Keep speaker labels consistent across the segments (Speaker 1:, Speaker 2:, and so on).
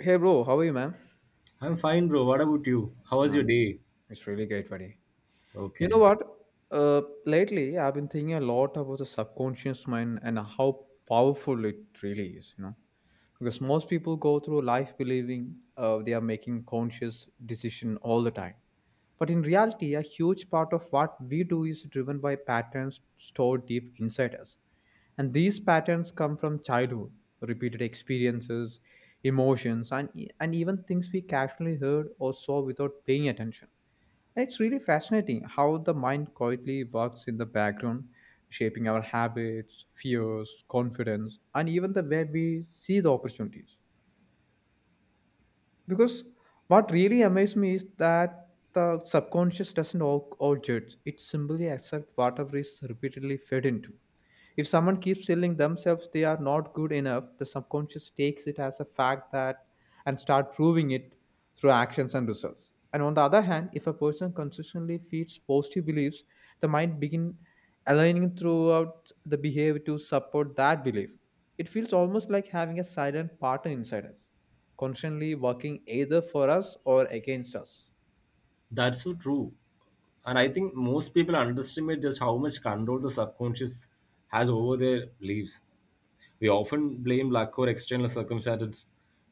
Speaker 1: Hey bro, how are you, man?
Speaker 2: I'm fine, bro. What about you? How was your
Speaker 1: Um,
Speaker 2: day?
Speaker 1: it's really great, buddy. You know
Speaker 2: Okay.
Speaker 1: what? Lately I've been thinking a lot about the subconscious mind and how powerful it really is. You know, because most people go through life believing they are making conscious decision all the time, but in reality a huge part of what we do is driven by patterns stored deep inside us, and these patterns come from childhood, repeated experiences, emotions, and even things we casually heard or saw without paying attention. It's really fascinating how the mind quietly works in the background, shaping our habits, fears, confidence, and even the way we see the opportunities. Because what really amazed me is that the subconscious doesn't all judge, it simply accepts whatever is repeatedly fed into. If someone keeps telling themselves they are not good enough, the subconscious takes it as a fact that and start proving it through actions and results. And on the other hand, if a person consistently feeds positive beliefs, the mind begin aligning throughout the behavior to support that belief. It feels almost like having a silent partner inside us constantly working either for us or against us.
Speaker 2: That's so true. And I think most people underestimate just how much control the subconscious has over their beliefs. We often blame luck or external circumstances,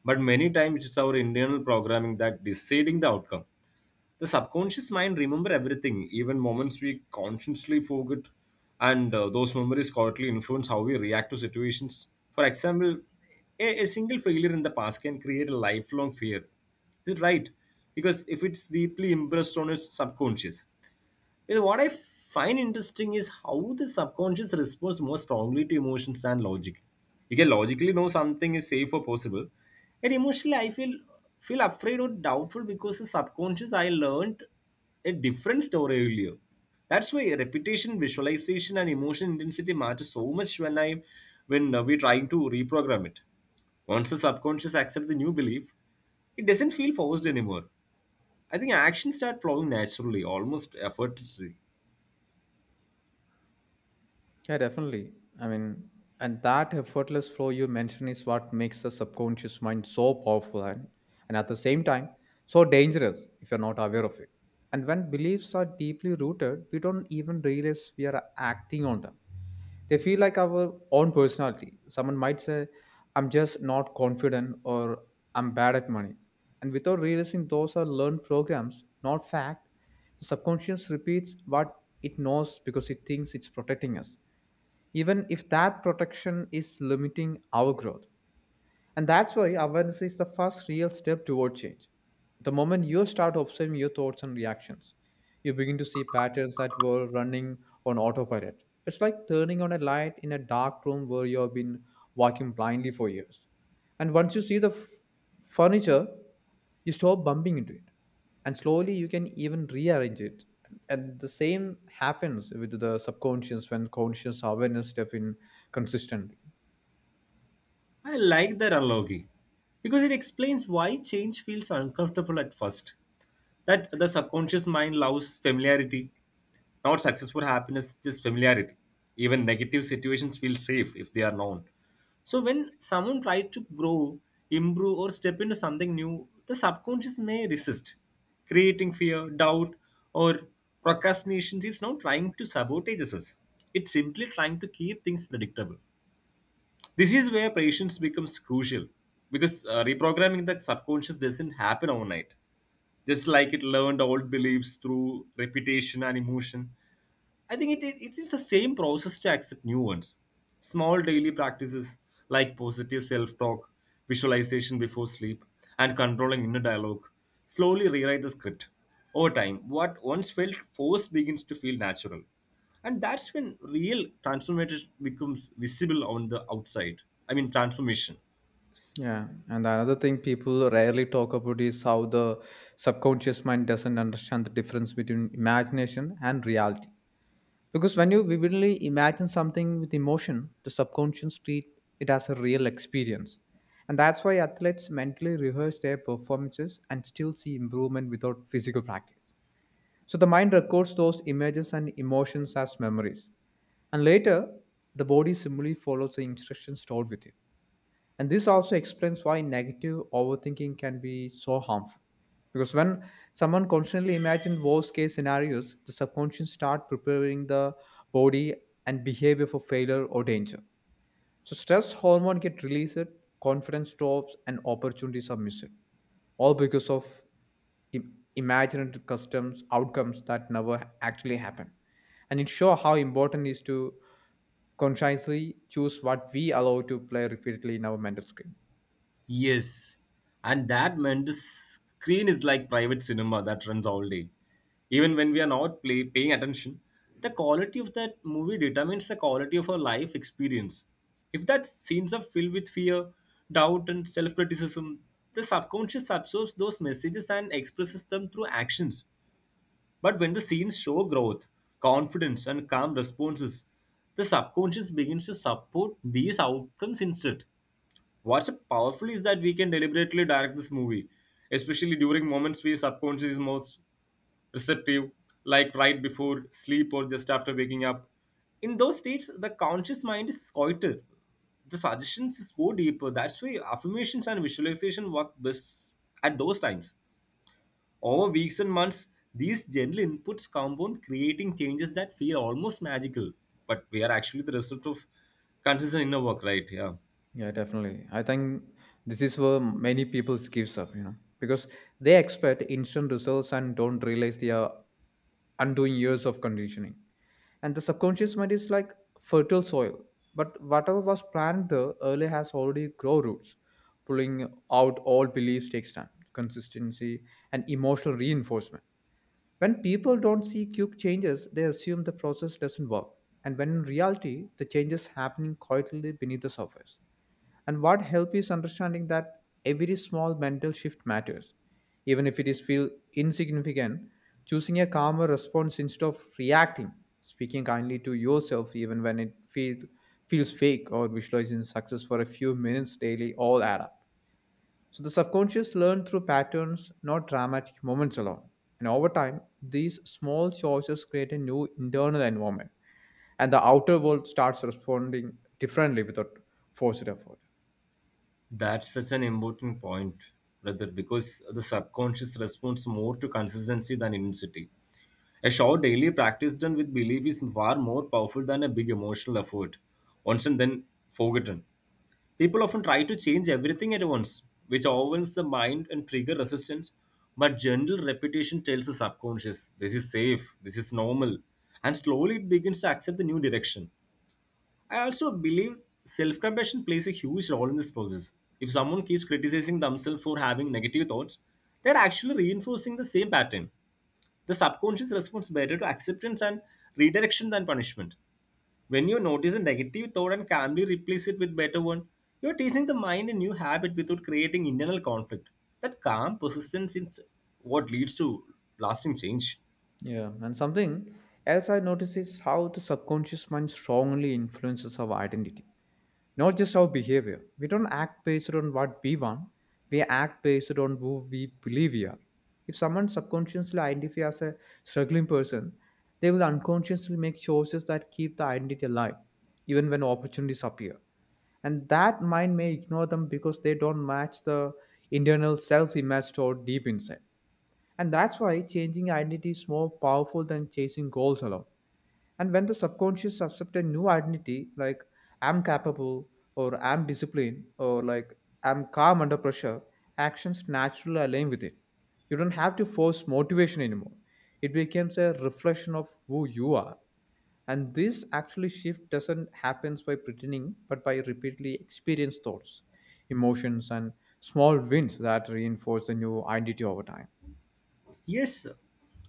Speaker 2: but many times it's our internal programming that deciding the outcome. The subconscious mind remember everything, even moments we consciously forget, and those memories quietly influence how we react to situations. For example, a single failure in the past can create a lifelong fear. Is it right? Because if it's deeply impressed on your subconscious, you know, what I find interesting is how the subconscious responds more strongly to emotions than logic. You can logically know something is safe or possible, and emotionally, I feel afraid or doubtful because the subconscious I learned a different story earlier. That's why repetition, visualization, and emotion intensity matter so much when we're trying to reprogram it. Once the subconscious accepts the new belief, it doesn't feel forced anymore. I think actions start flowing naturally, almost effortlessly.
Speaker 1: Yeah, definitely. I mean, and that effortless flow you mentioned is what makes the subconscious mind so powerful and at the same time so dangerous if you're not aware of it. And when beliefs are deeply rooted, we don't even realize we are acting on them. They feel like our own personality. Someone might say, I'm just not confident, or I'm bad at money. And without realizing those are learned programs, not fact, the subconscious repeats what it knows because it thinks it's protecting us even if that protection is limiting our growth. And that's why awareness is the first real step toward change. The moment you start observing your thoughts and reactions, you begin to see patterns that were running on autopilot. It's like turning on a light in a dark room where you have been walking blindly for years. And once you see the furniture, you stop bumping into it. And slowly you can even rearrange it. And the same happens with the subconscious when conscious awareness step in consistently.
Speaker 2: I like that analogy because it explains why change feels uncomfortable at first. That the subconscious mind loves familiarity, not successful happiness, just familiarity. Even negative situations feel safe if they are known. So when someone tries to grow, improve, or step into something new, the subconscious may resist, creating fear, doubt, or procrastination. It's not trying to sabotage us; it's simply trying to keep things predictable. This is where patience becomes crucial because reprogramming the subconscious doesn't happen overnight. Just like it learned old beliefs through repetition and emotion, I think it is the same process to accept new ones. Small daily practices like positive self talk, visualization before sleep, and controlling inner dialogue slowly rewrite the script. Over time, what once felt forced begins to feel natural. And that's when real transformation becomes visible on the outside. I mean, transformation.
Speaker 1: Yeah, and another thing people rarely talk about is how the subconscious mind doesn't understand the difference between imagination and reality. Because when you vividly imagine something with emotion, the subconscious treat it as a real experience. And that's why athletes mentally rehearse their performances and still see improvement without physical practice. So the mind records those images and emotions as memories. And later, the body similarly follows the instructions stored with it. And this also explains why negative overthinking can be so harmful. Because when someone constantly imagines worst case scenarios, the subconscious start preparing the body and behavior for failure or danger. So stress hormone get released, confidence drops, and opportunities are missed, all because of imagined customs outcomes that never actually happen. And it shows how important it is to consciously choose what we allow to play repeatedly in our mental screen.
Speaker 2: Yes, and that meant the screen is like private cinema that runs all day. Even when we are not play, paying attention, the quality of that movie determines the quality of our life experience. If that scenes are filled with fear, doubt, and self criticism, the subconscious absorbs those messages and expresses them through actions. But when the scenes show growth, confidence, and calm responses, the subconscious begins to support these outcomes instead. What's powerful is that we can deliberately direct this movie, especially during moments where subconscious is most receptive, like right before sleep or just after waking up. In those states, the conscious mind is quieter. The suggestions is go deeper. That's why affirmations and visualization work best at those times. Over weeks and months, these gentle inputs compound, creating changes that feel almost magical, but we are actually the result of consistent inner work, right? Yeah.
Speaker 1: Yeah, definitely. I think this is where many people gives up, you know, because they expect instant results and don't realize they are undoing years of conditioning. And the subconscious mind is like fertile soil, but whatever was planted early has already grow roots. Pulling out all beliefs takes time, consistency, and emotional reinforcement. When people don't see quick changes, they assume the process doesn't work. And when in reality, the changes happening quietly beneath the surface. And what helps is understanding that every small mental shift matters. Even if it is feel insignificant, choosing a calmer response instead of reacting, speaking kindly to yourself even when it feels fake, or visualizing success for a few minutes daily all add up. So the subconscious learn through patterns, not dramatic moments alone. And over time, these small choices create a new internal environment and the outer world starts responding differently without forced effort.
Speaker 2: That's such an important point, brother, because the subconscious responds more to consistency than intensity. A short daily practice done with belief is far more powerful than a big emotional effort, once and then forgotten. People often try to change everything at once, which overwhelms the mind and trigger resistance. But gentle repetition tells the subconscious, this is safe, this is normal, and slowly it begins to accept the new direction. I also believe self compassion plays a huge role in this process. If someone keeps criticizing themselves for having negative thoughts, they're actually reinforcing the same pattern. The subconscious responds better to acceptance and redirection than punishment. When you notice a negative thought and calmly replace it with better one, you're teaching the mind a new habit without creating internal conflict. That calm persistence is what leads to lasting change.
Speaker 1: Yeah, and something else I notice is how the subconscious mind strongly influences our identity, not just our behavior. We don't act based on what we want, we act based on who we believe we are. If someone subconsciously identifies as a struggling person, they will unconsciously make choices that keep the identity alive, even when opportunities appear. And that mind may ignore them because they don't match the internal self image stored deep inside. And that's why changing identity is more powerful than chasing goals alone. And when the subconscious accepts a new identity, like I'm capable, or I'm disciplined, or like I'm calm under pressure, actions naturally align with it. You don't have to force motivation anymore. It becomes a reflection of who you are. And this actually shift doesn't happen by pretending, but by repeatedly experienced thoughts, emotions, and small wins that reinforce the new identity over time.
Speaker 2: Yes,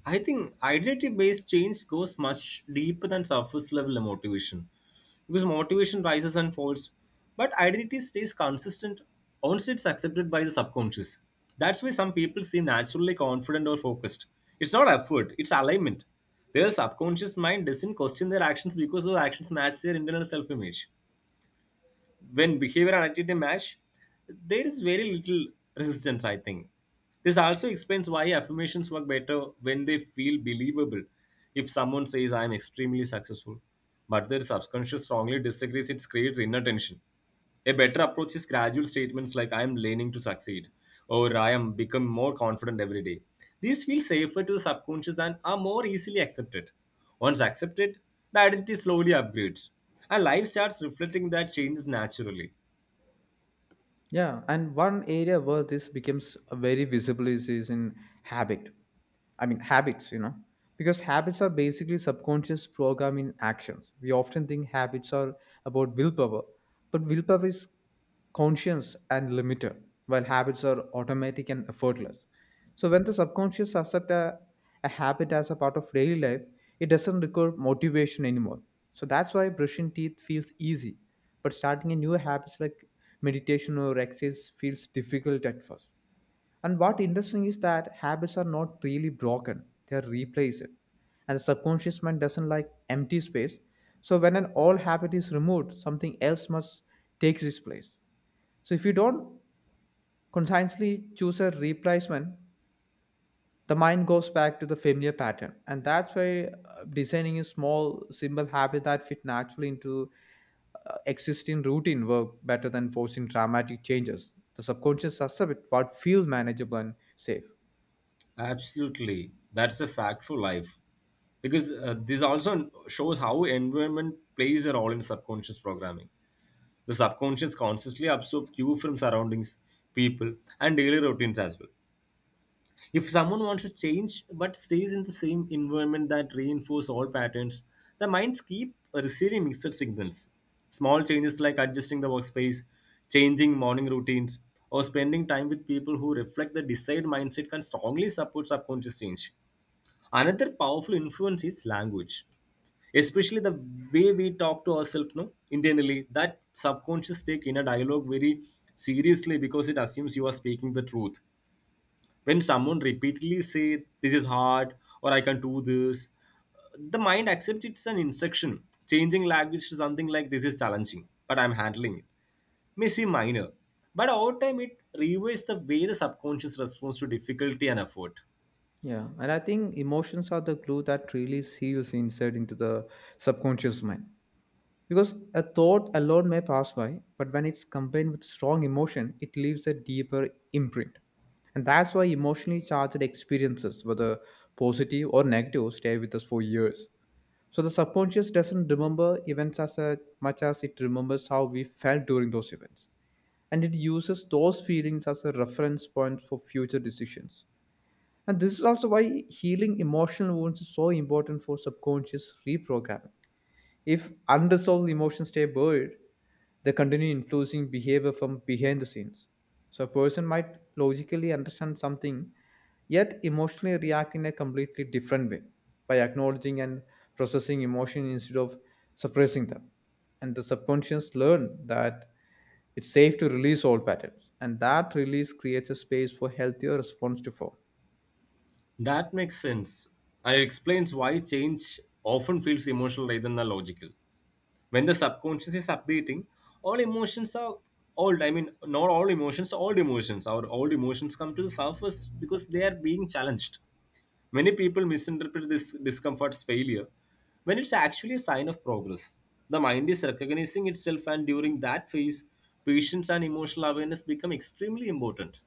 Speaker 2: I think identity based change goes much deeper than surface level motivation because motivation rises and falls, but identity stays consistent once it's accepted by the subconscious. That's why some people seem naturally confident or focused. It's not effort, it's alignment. Their subconscious mind doesn't question their actions because their actions match their internal self image when behavior and attitude match, there is very little resistance, I think. This also explains why affirmations work better when they feel believable. If someone says, I am extremely successful, but their subconscious strongly disagrees, it creates inner tension. A better approach is gradual statements like I am learning to succeed or I am become more confident every day. These feel safer to the subconscious and are more easily accepted. Once accepted, the identity slowly upgrades and life starts reflecting that changes naturally.
Speaker 1: Yeah, and one area where this becomes very visible is in habit. I mean, habits, you know, because habits are basically subconscious programming actions. We often think habits are about willpower, but willpower is conscious and limited, while habits are automatic and effortless. So when the subconscious accepts a habit as a part of daily life, it doesn't require motivation anymore. So that's why brushing teeth feels easy but starting a new habits like meditation or exercise feels difficult at first. And what interesting is that habits are not really broken, they are replaced, and the subconscious mind doesn't like empty space. So when an old habit is removed something else must takes its place. So if you don't consciously choose a replacement, the mind goes back to the familiar pattern. And that's why designing a small simple habit that fit naturally into existing routine work better than forcing dramatic changes. The subconscious accepts what feels manageable and safe.
Speaker 2: Absolutely. That's a fact for life. Because this also shows how environment plays a role in subconscious programming. The subconscious consciously absorbs cue from surroundings, people, and daily routines as well. If someone wants to change but stays in the same environment that reinforce all patterns, the minds keep receiving mixed signals. Small changes like adjusting the workspace, changing morning routines, or spending time with people who reflect the desired mindset can strongly support subconscious change. Another powerful influence is language, especially the way we talk to ourselves, no, internally. That subconscious take in a dialogue very seriously because it assumes you are speaking the truth when someone repeatedly say this is hard or I can't do this, the mind accepts it's an instruction. Changing language to something like this is challenging, but I'm handling it. May seem minor, but over time it reweights the way the subconscious responds to difficulty and effort.
Speaker 1: Yeah, and I think emotions are the glue that really seals inside into the subconscious mind. Because a thought alone may pass by, but when it's combined with strong emotion, it leaves a deeper imprint. And that's why emotionally charged experiences, whether positive or negative, stay with us for years. So the subconscious doesn't remember events much as it remembers how we felt during those events. And it uses those feelings as a reference point for future decisions. And this is also why healing emotional wounds is so important for subconscious reprogramming. If unresolved emotions stay buried, they continue influencing behavior from behind the scenes. So a person might logically understand something, yet emotionally react in a completely different way by acknowledging and processing emotion instead of suppressing them. And the subconscious learn that it's safe to release old patterns, and that release creates a space for healthier response to form.
Speaker 2: That makes sense, and it explains why change often feels emotional rather than logical. When the subconscious is updating all emotions are old I mean not all emotions old emotions our old emotions come to the surface because they are being challenged. Many people misinterpret this discomfort as failure when it's actually a sign of progress. The mind is recognizing itself, and during that phase patience and emotional awareness become extremely important.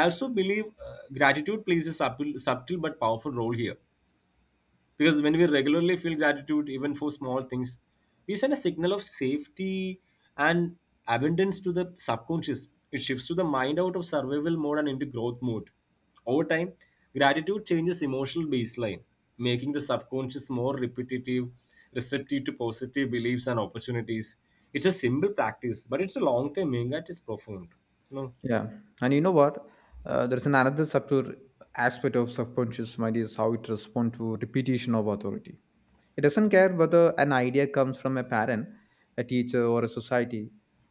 Speaker 2: I also believe gratitude plays a subtle but powerful role here because when we regularly feel gratitude, even for small things, we send a signal of safety and abundance to the subconscious. It shifts to the mind out of survival mode and into growth mode. Over time, gratitude changes emotional baseline, making the subconscious more receptive to positive beliefs and opportunities. It's a simple practice, but it's a long term aim that is profound. You know.
Speaker 1: Yeah, and you know what? There's an another subtle aspect of subconscious mind is how it responds to repetition of authority. It doesn't care whether an idea comes from a parent, a teacher, or a society,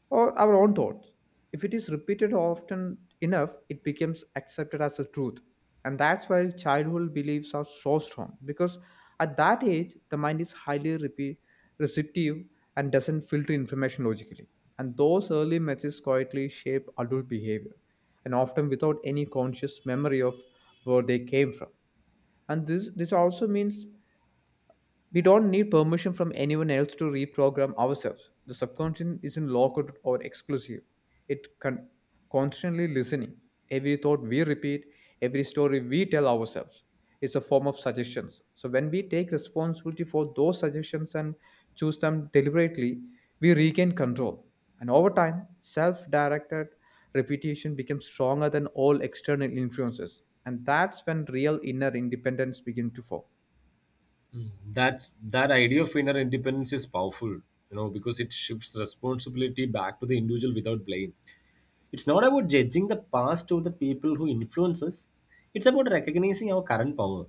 Speaker 1: or our own thoughts. If it is repeated often enough, it becomes accepted as a truth. And that's why childhood beliefs are so strong because at that age, the mind is highly repeat receptive, and doesn't filter information logically. And those early messages quietly shape adult behavior, and often without any conscious memory of where they came from. And this also means we don't need permission from anyone else to reprogram ourselves. The subconscious isn't locked or exclusive. It can constantly listening. Every thought we repeat, every story we tell ourselves is a form of suggestions. So when we take responsibility for those suggestions and choose them deliberately, we regain control. And over time, self-directed repetition becomes stronger than all external influences. And that's when real inner independence begins to form.
Speaker 2: Mm, That's that idea of inner independence is powerful, you know, because it shifts responsibility back to the individual without blame. It's not about judging the past or the people who influence us. It's about recognizing our current power.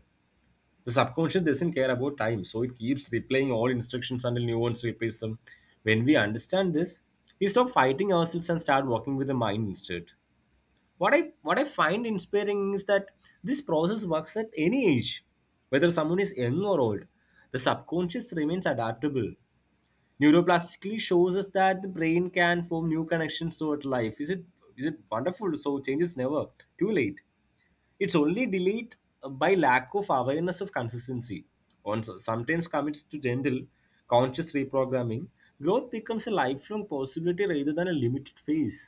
Speaker 2: The subconscious doesn't care about time, so it keeps replaying all instructions until new ones replace them. When we understand this, we stop fighting ourselves and start working with the mind instead. What i what i find inspiring is that this process works at any age, whether someone is young or old. The subconscious remains adaptable. Neuroplastically shows us that the brain can form new connections throughout life. Is it wonderful? So change is never too late, it's only delayed by lack of awareness of consistency. On sometimes commits to gentle conscious reprogramming, growth becomes a lifelong possibility rather than a limited phase.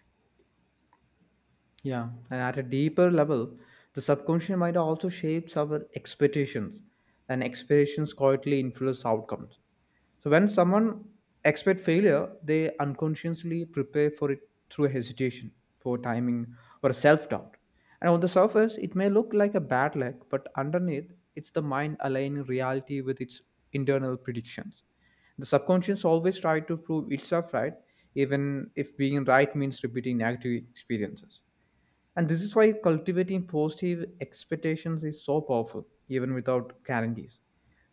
Speaker 1: Yeah, and at a deeper level, the subconscious mind also shapes our expectations, and expectations quietly influence outcomes. So when someone expect failure, they unconsciously prepare for it through hesitation, poor timing, or self-doubt. And on the surface, it may look like a bad luck, but underneath, it's the mind aligning reality with its internal predictions. The subconscious always tries to prove itself right, even if being right means repeating negative experiences. And this is why cultivating positive expectations is so powerful, even without guarantees.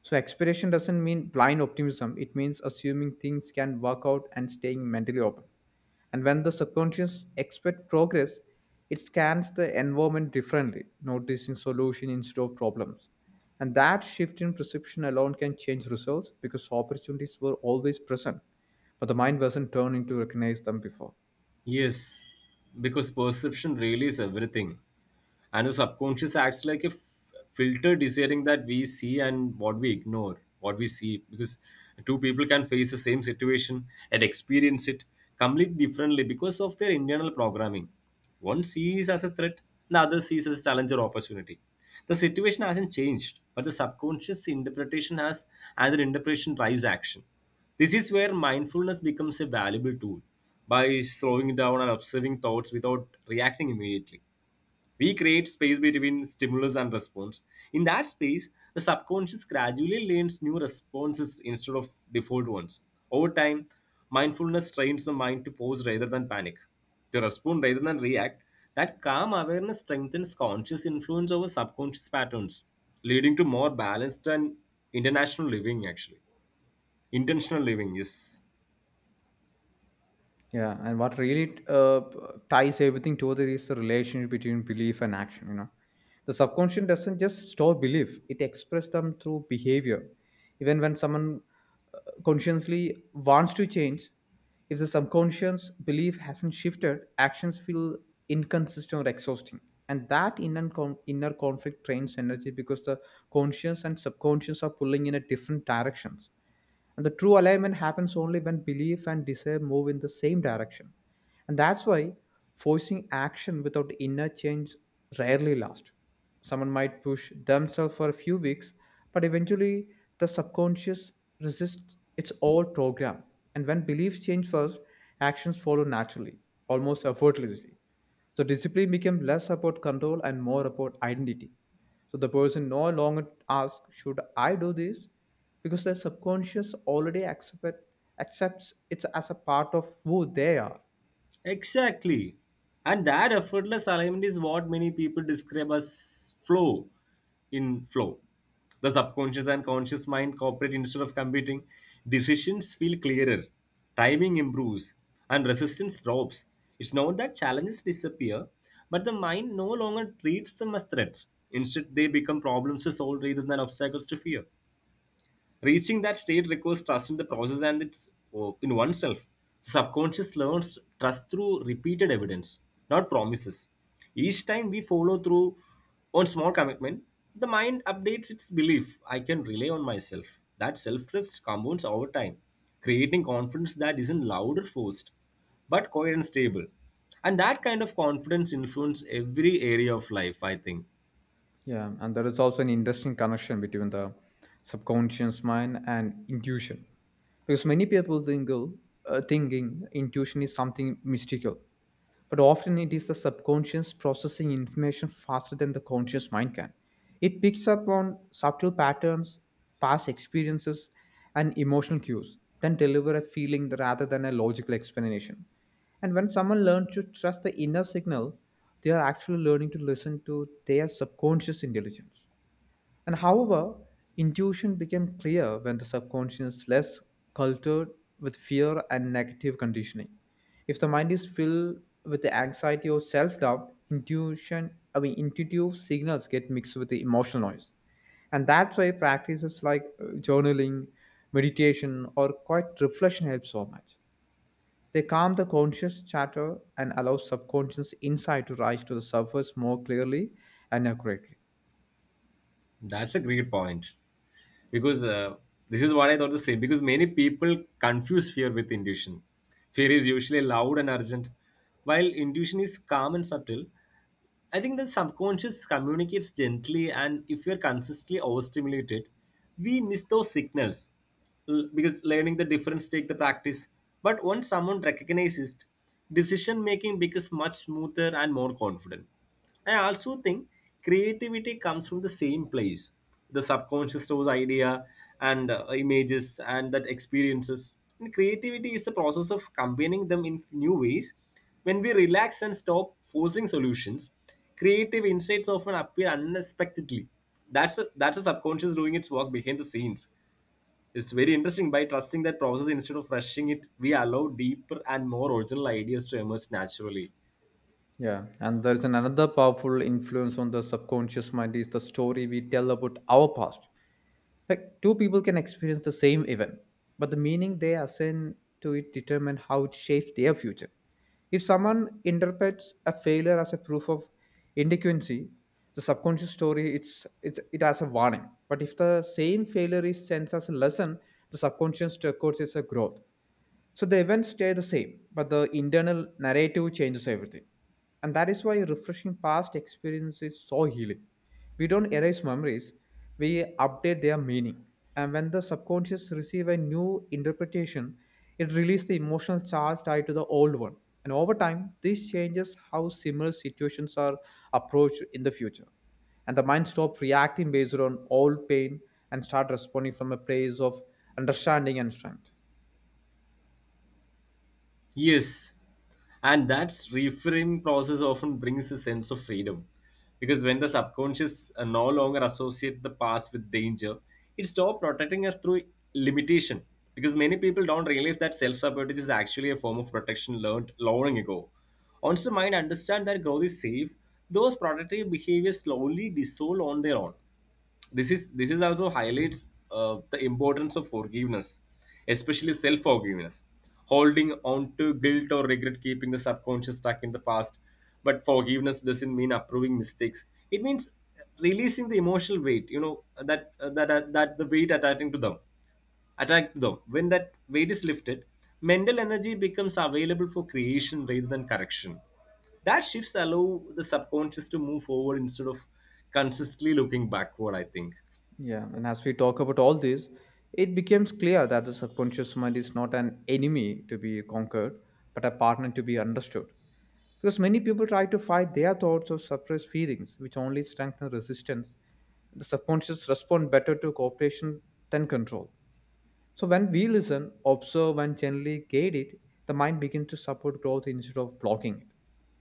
Speaker 1: So, expectation doesn't mean blind optimism, it means assuming things can work out and staying mentally open. And when the subconscious expect progress, it scans the environment differently, noticing solution instead of problems. And that shift in perception alone can change results because opportunities were always present, but the mind wasn't turned in to recognize them before.
Speaker 2: Yes, because perception really is everything, and the subconscious acts like a filter deciding that we see and what we ignore what we see, because two people can face the same situation and experience it completely differently because of their internal programming. One sees as a threat, the other sees as a challenge or opportunity. The situation hasn't changed, but the subconscious interpretation has, and the interpretation drives action. This is where mindfulness becomes a valuable tool. By slowing down and observing thoughts without reacting immediately, we create space between stimulus and response. In that space, the subconscious gradually learns new responses instead of default ones. Over time, mindfulness trains the mind to pause rather than panic, to respond rather than react. That calm awareness strengthens conscious influence over subconscious patterns, leading to more balanced and international living actually. Intentional living, yes.
Speaker 1: Yeah, and what really ties everything together is the relationship between belief and action. You know, the subconscious doesn't just store belief; it expresses them through behavior. Even when someone consciously wants to change, if the subconscious belief hasn't shifted, actions feel inconsistent or exhausting. And that inner conflict drains energy because the conscious and subconscious are pulling in a different directions, and the true alignment happens only when belief and desire move in the same direction. And that's why forcing action without inner change rarely lasts. Someone might push themselves for a few weeks, but eventually the subconscious resists its old program. And when beliefs change first, actions follow naturally, almost effortlessly. So discipline became less about control and more about identity. So the person no longer asks, should I do this? Because their accepts it as a part of who they are.
Speaker 2: Exactly. And that effortless alignment is what many people describe as flow in flow. The subconscious and conscious mind cooperate instead of competing. Decisions feel clearer, timing improves, and resistance drops. It's not that challenges disappear, but the mind no longer treats them as threats. Instead, they become problems to solve rather than obstacles to fear. Reaching that state requires trust in the process and its, oh, in oneself. Subconscious learns trust through repeated evidence, not promises. Each time we follow through on small commitment, the mind updates its belief I can rely on myself. That self trust compounds over time, creating confidence that isn't loud or forced, but quiet and stable. And that kind of confidence influences every area of life, I think.
Speaker 1: Yeah, and there is also an interesting connection between the subconscious mind and intuition, because many people think thinking intuition is something mystical, but often it is the subconscious processing information faster than the conscious mind can. It picks up on subtle patterns, past experiences, and emotional cues, then deliver a feeling rather than a logical explanation. And when someone learns to trust the inner signal, they are actually learning to listen to their subconscious intelligence. And however, intuition became clear when the subconscious is less cultured with fear and negative conditioning. If the mind is filled with the anxiety or self-doubt, intuition, I mean intuitive signals get mixed with the emotional noise. And that's why practices like journaling, meditation, or quiet reflection help so much. They calm the conscious chatter and allow subconscious insight to rise to the surface more clearly and accurately.
Speaker 2: That's a great point. Because this is what I thought the same. Because many people confuse fear with intuition. Fear is usually loud and urgent, while intuition is calm and subtle. I think the subconscious communicates gently, and if we are consistently overstimulated, we miss those signals. Because learning the difference take the practice. But once someone recognizes, it, decision making becomes much smoother and more confident. I also think creativity comes from the same place. The subconscious stores idea and images and that experiences, and creativity is the process of combining them in new ways. When we relax and stop forcing solutions, creative insights often appear unexpectedly. That's a subconscious doing its work behind the scenes. It's very interesting. By trusting that process instead of rushing it, we allow deeper and more original ideas to emerge naturally.
Speaker 1: Yeah, and there is an another powerful influence on the subconscious mind is the story we tell about our past. Like two people can experience the same event, but the meaning they assign to it determine how it shapes their future. If someone interprets a failure as a proof of inadequacy, the subconscious story it's it has a warning. But if the same failure is sensed as a lesson, the subconscious records it as a growth. So the events stay the same, but the internal narrative changes everything. And that is why refreshing past experience is so healing. We don't erase memories, we update their meaning. And when the subconscious receive a new interpretation, it releases the emotional charge tied to the old one. And over time, this changes how similar situations are approached in the future. And the mind stops reacting based on old pain and start responding from a place of understanding and strength.
Speaker 2: Yes, and that reframing process often brings a sense of freedom, because when the subconscious no longer associate the past with danger, it stops protecting us through limitation. Because many people don't realize that self-sabotage is actually a form of protection learned long ago. Once the mind understands that growth is safe, those protective behaviors slowly dissolve on their own. This is this is also highlights the importance of forgiveness, especially self forgiveness. Holding on to guilt or regret keeping the subconscious stuck in the past. But forgiveness doesn't mean approving mistakes. It means releasing the emotional weight, you know that that that the weight attaching to them, attack to them. When that weight is lifted, mental energy becomes available for creation rather than correction. That shifts allow the subconscious to move forward instead of consistently looking backward, I think.
Speaker 1: Yeah, and as we talk about all this, it becomes clear that the subconscious mind is not an enemy to be conquered, but a partner to be understood. Because many people try to fight their thoughts or suppress feelings, which only strengthen resistance. The subconscious respond better to cooperation than control. So when we listen, observe, and gently guide it, the mind begins to support growth instead of blocking it.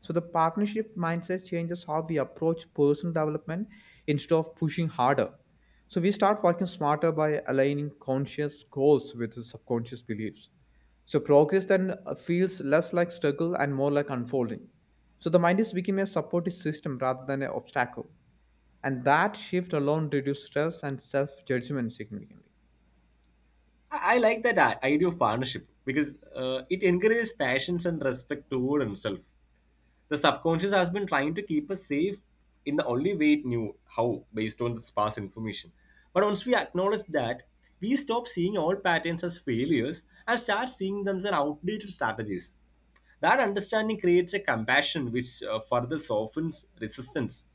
Speaker 1: So the partnership mindset changes how we approach personal development instead of pushing harder. So we start working smarter by aligning conscious goals with the subconscious beliefs. So progress then feels less like struggle and more like unfolding. So the mind is becoming a supportive system rather than an obstacle. And that shift alone reduces stress and self-judgment significantly.
Speaker 2: I like that idea of partnership, because it encourages patience and respect toward himself. The subconscious has been trying to keep us safe in the only way it knew how, based on the sparse information. But once we acknowledge that, we stop seeing all patterns as failures and start seeing them as outdated strategies. That understanding creates a compassion which further softens resistance.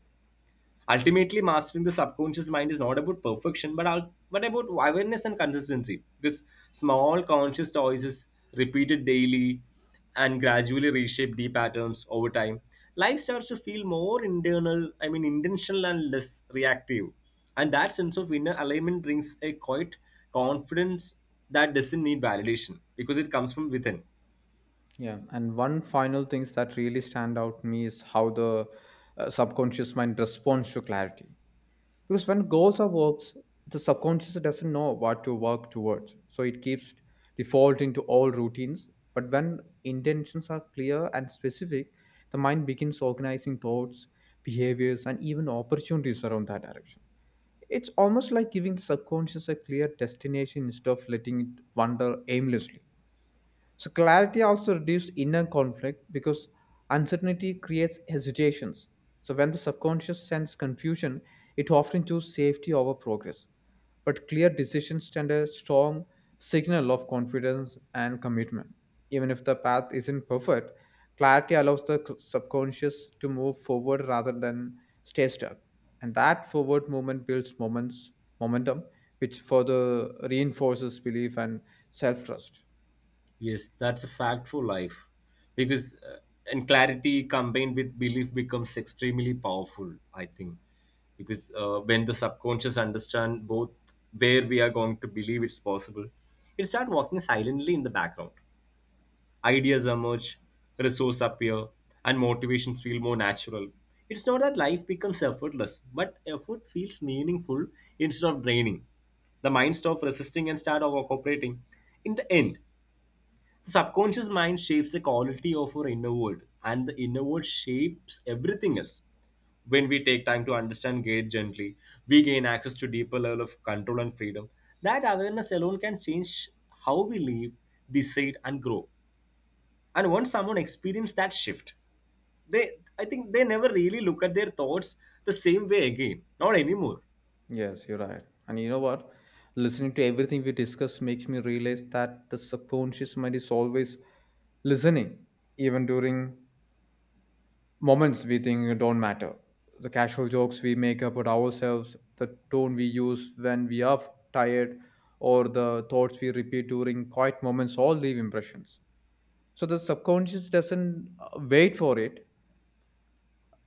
Speaker 2: Ultimately mastering the subconscious mind is not about perfection, but about awareness and consistency, because small conscious choices repeated daily and gradually reshape the patterns over time. Life starts to feel more internal I mean intentional and less reactive, and that sense of inner alignment brings a quiet confidence that doesn't need validation because it comes from within.
Speaker 1: Yeah, and one final things that really stand out to me is how the subconscious mind responds to clarity. Because when goals are works, the subconscious doesn't know what to work towards, so it keeps defaulting to all routines. But when intentions are clear and specific, the mind begins organizing thoughts, behaviors, and even opportunities around that direction. It's almost like giving the subconscious a clear destination instead of letting it wander aimlessly. So clarity also reduces inner conflict because uncertainty creates hesitations. So when the subconscious sends confusion, it often chooses safety over progress. But clear decisions send a strong signal of confidence and commitment. Even if the path isn't perfect, clarity allows the subconscious to move forward rather than stay stuck. And that forward movement builds moments, momentum, which further reinforces belief and self trust.
Speaker 2: Yes, that's a fact for life. Because and clarity combined with belief becomes extremely powerful, I think. Because when the subconscious understand both where we are going to believe it's possible, it start walking silently in the background. Ideas emerge, resources appear, and motivations feel more natural. It's not that life becomes effortless, but effort feels meaningful instead of draining. The mind stops resisting and start cooperating. In the end, the subconscious mind shapes the quality of our inner world, and the inner world shapes everything else. When we take time to understand gate gently, we gain access to deeper level of control and freedom. That awareness alone can change how we live, decide, and grow. And once someone experiences that shift, they, I think they never really look at their thoughts the same way again. Not anymore.
Speaker 1: Yes, you're right. And you know what? Listening to everything we discuss makes me realize that the subconscious mind is always listening, even during moments we think don't matter. The casual jokes we make about ourselves, the tone we use when we are tired, or the thoughts we repeat during quiet moments all leave impressions. So the subconscious doesn't wait for it,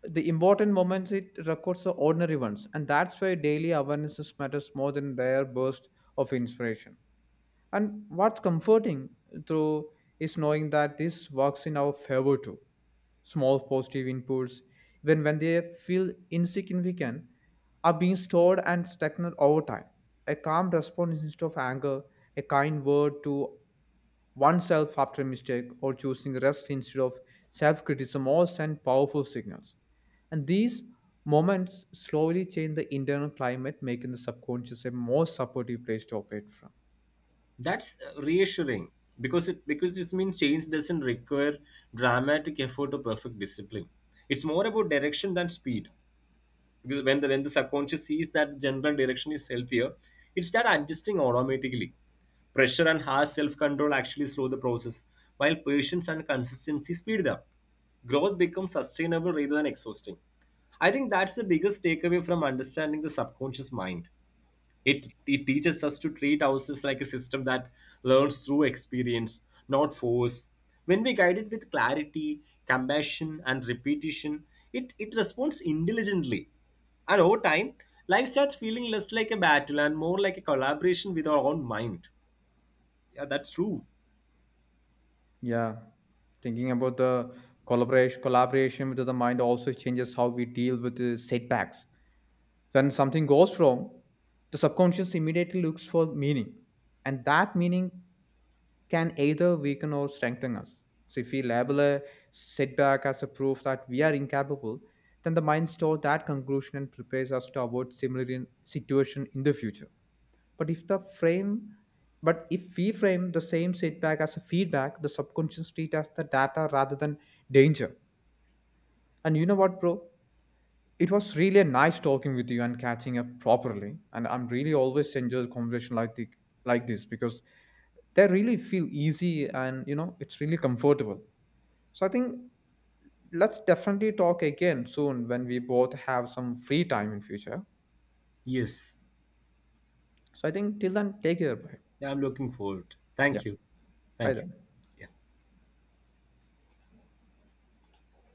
Speaker 1: the important moments. It records the ordinary ones, and that's why daily awarenesses matters more than their burst of inspiration. And what's comforting through is knowing that this works in our favor too. Small positive inputs, even when they feel insignificant, are being stored and stagnant over time. A calm response instead of anger, a kind word to oneself after a mistake, or choosing rest instead of self criticism all send powerful signals. And these moments slowly change the internal climate, making the subconscious a more supportive place to operate from.
Speaker 2: That's reassuring, because this means change doesn't require dramatic effort or perfect discipline. It's more about direction than speed. Because when the subconscious sees that general direction is healthier, it starts adjusting automatically. Pressure and harsh self-control actually slow the process, while patience and consistency speed it up. Growth becomes sustainable rather than exhausting. I think that's the biggest takeaway from understanding the subconscious mind. It teaches us to treat ourselves like a system that learns through experience, not force. When we guide it with clarity, compassion, and repetition, it responds intelligently. And over time, life starts feeling less like a battle and more like a collaboration with our own mind. Yeah, that's true.
Speaker 1: Yeah, thinking about the collaboration with the mind also changes how we deal with the setbacks. When something goes wrong, the subconscious immediately looks for meaning, and that meaning can either weaken or strengthen us. So if we label a setback as a proof that we are incapable, then the mind stores that conclusion and prepares us to avoid similar situation in the future. But if the frame but if we frame the same setback as a feedback, the subconscious treats as the data rather than danger. And you know what, bro? It was really a nice talking with you and catching up properly. And I'm really always enjoy conversation like the like this because they really feel easy, and you know it's really comfortable. So I think let's definitely talk again soon when we both have some free time in future.
Speaker 2: Yes.
Speaker 1: So I think till then take care. Bye.
Speaker 2: Yeah, I'm looking forward.
Speaker 1: Yeah.
Speaker 2: Thank you.
Speaker 1: Bye
Speaker 2: Thank you.
Speaker 1: then.
Speaker 2: Yeah.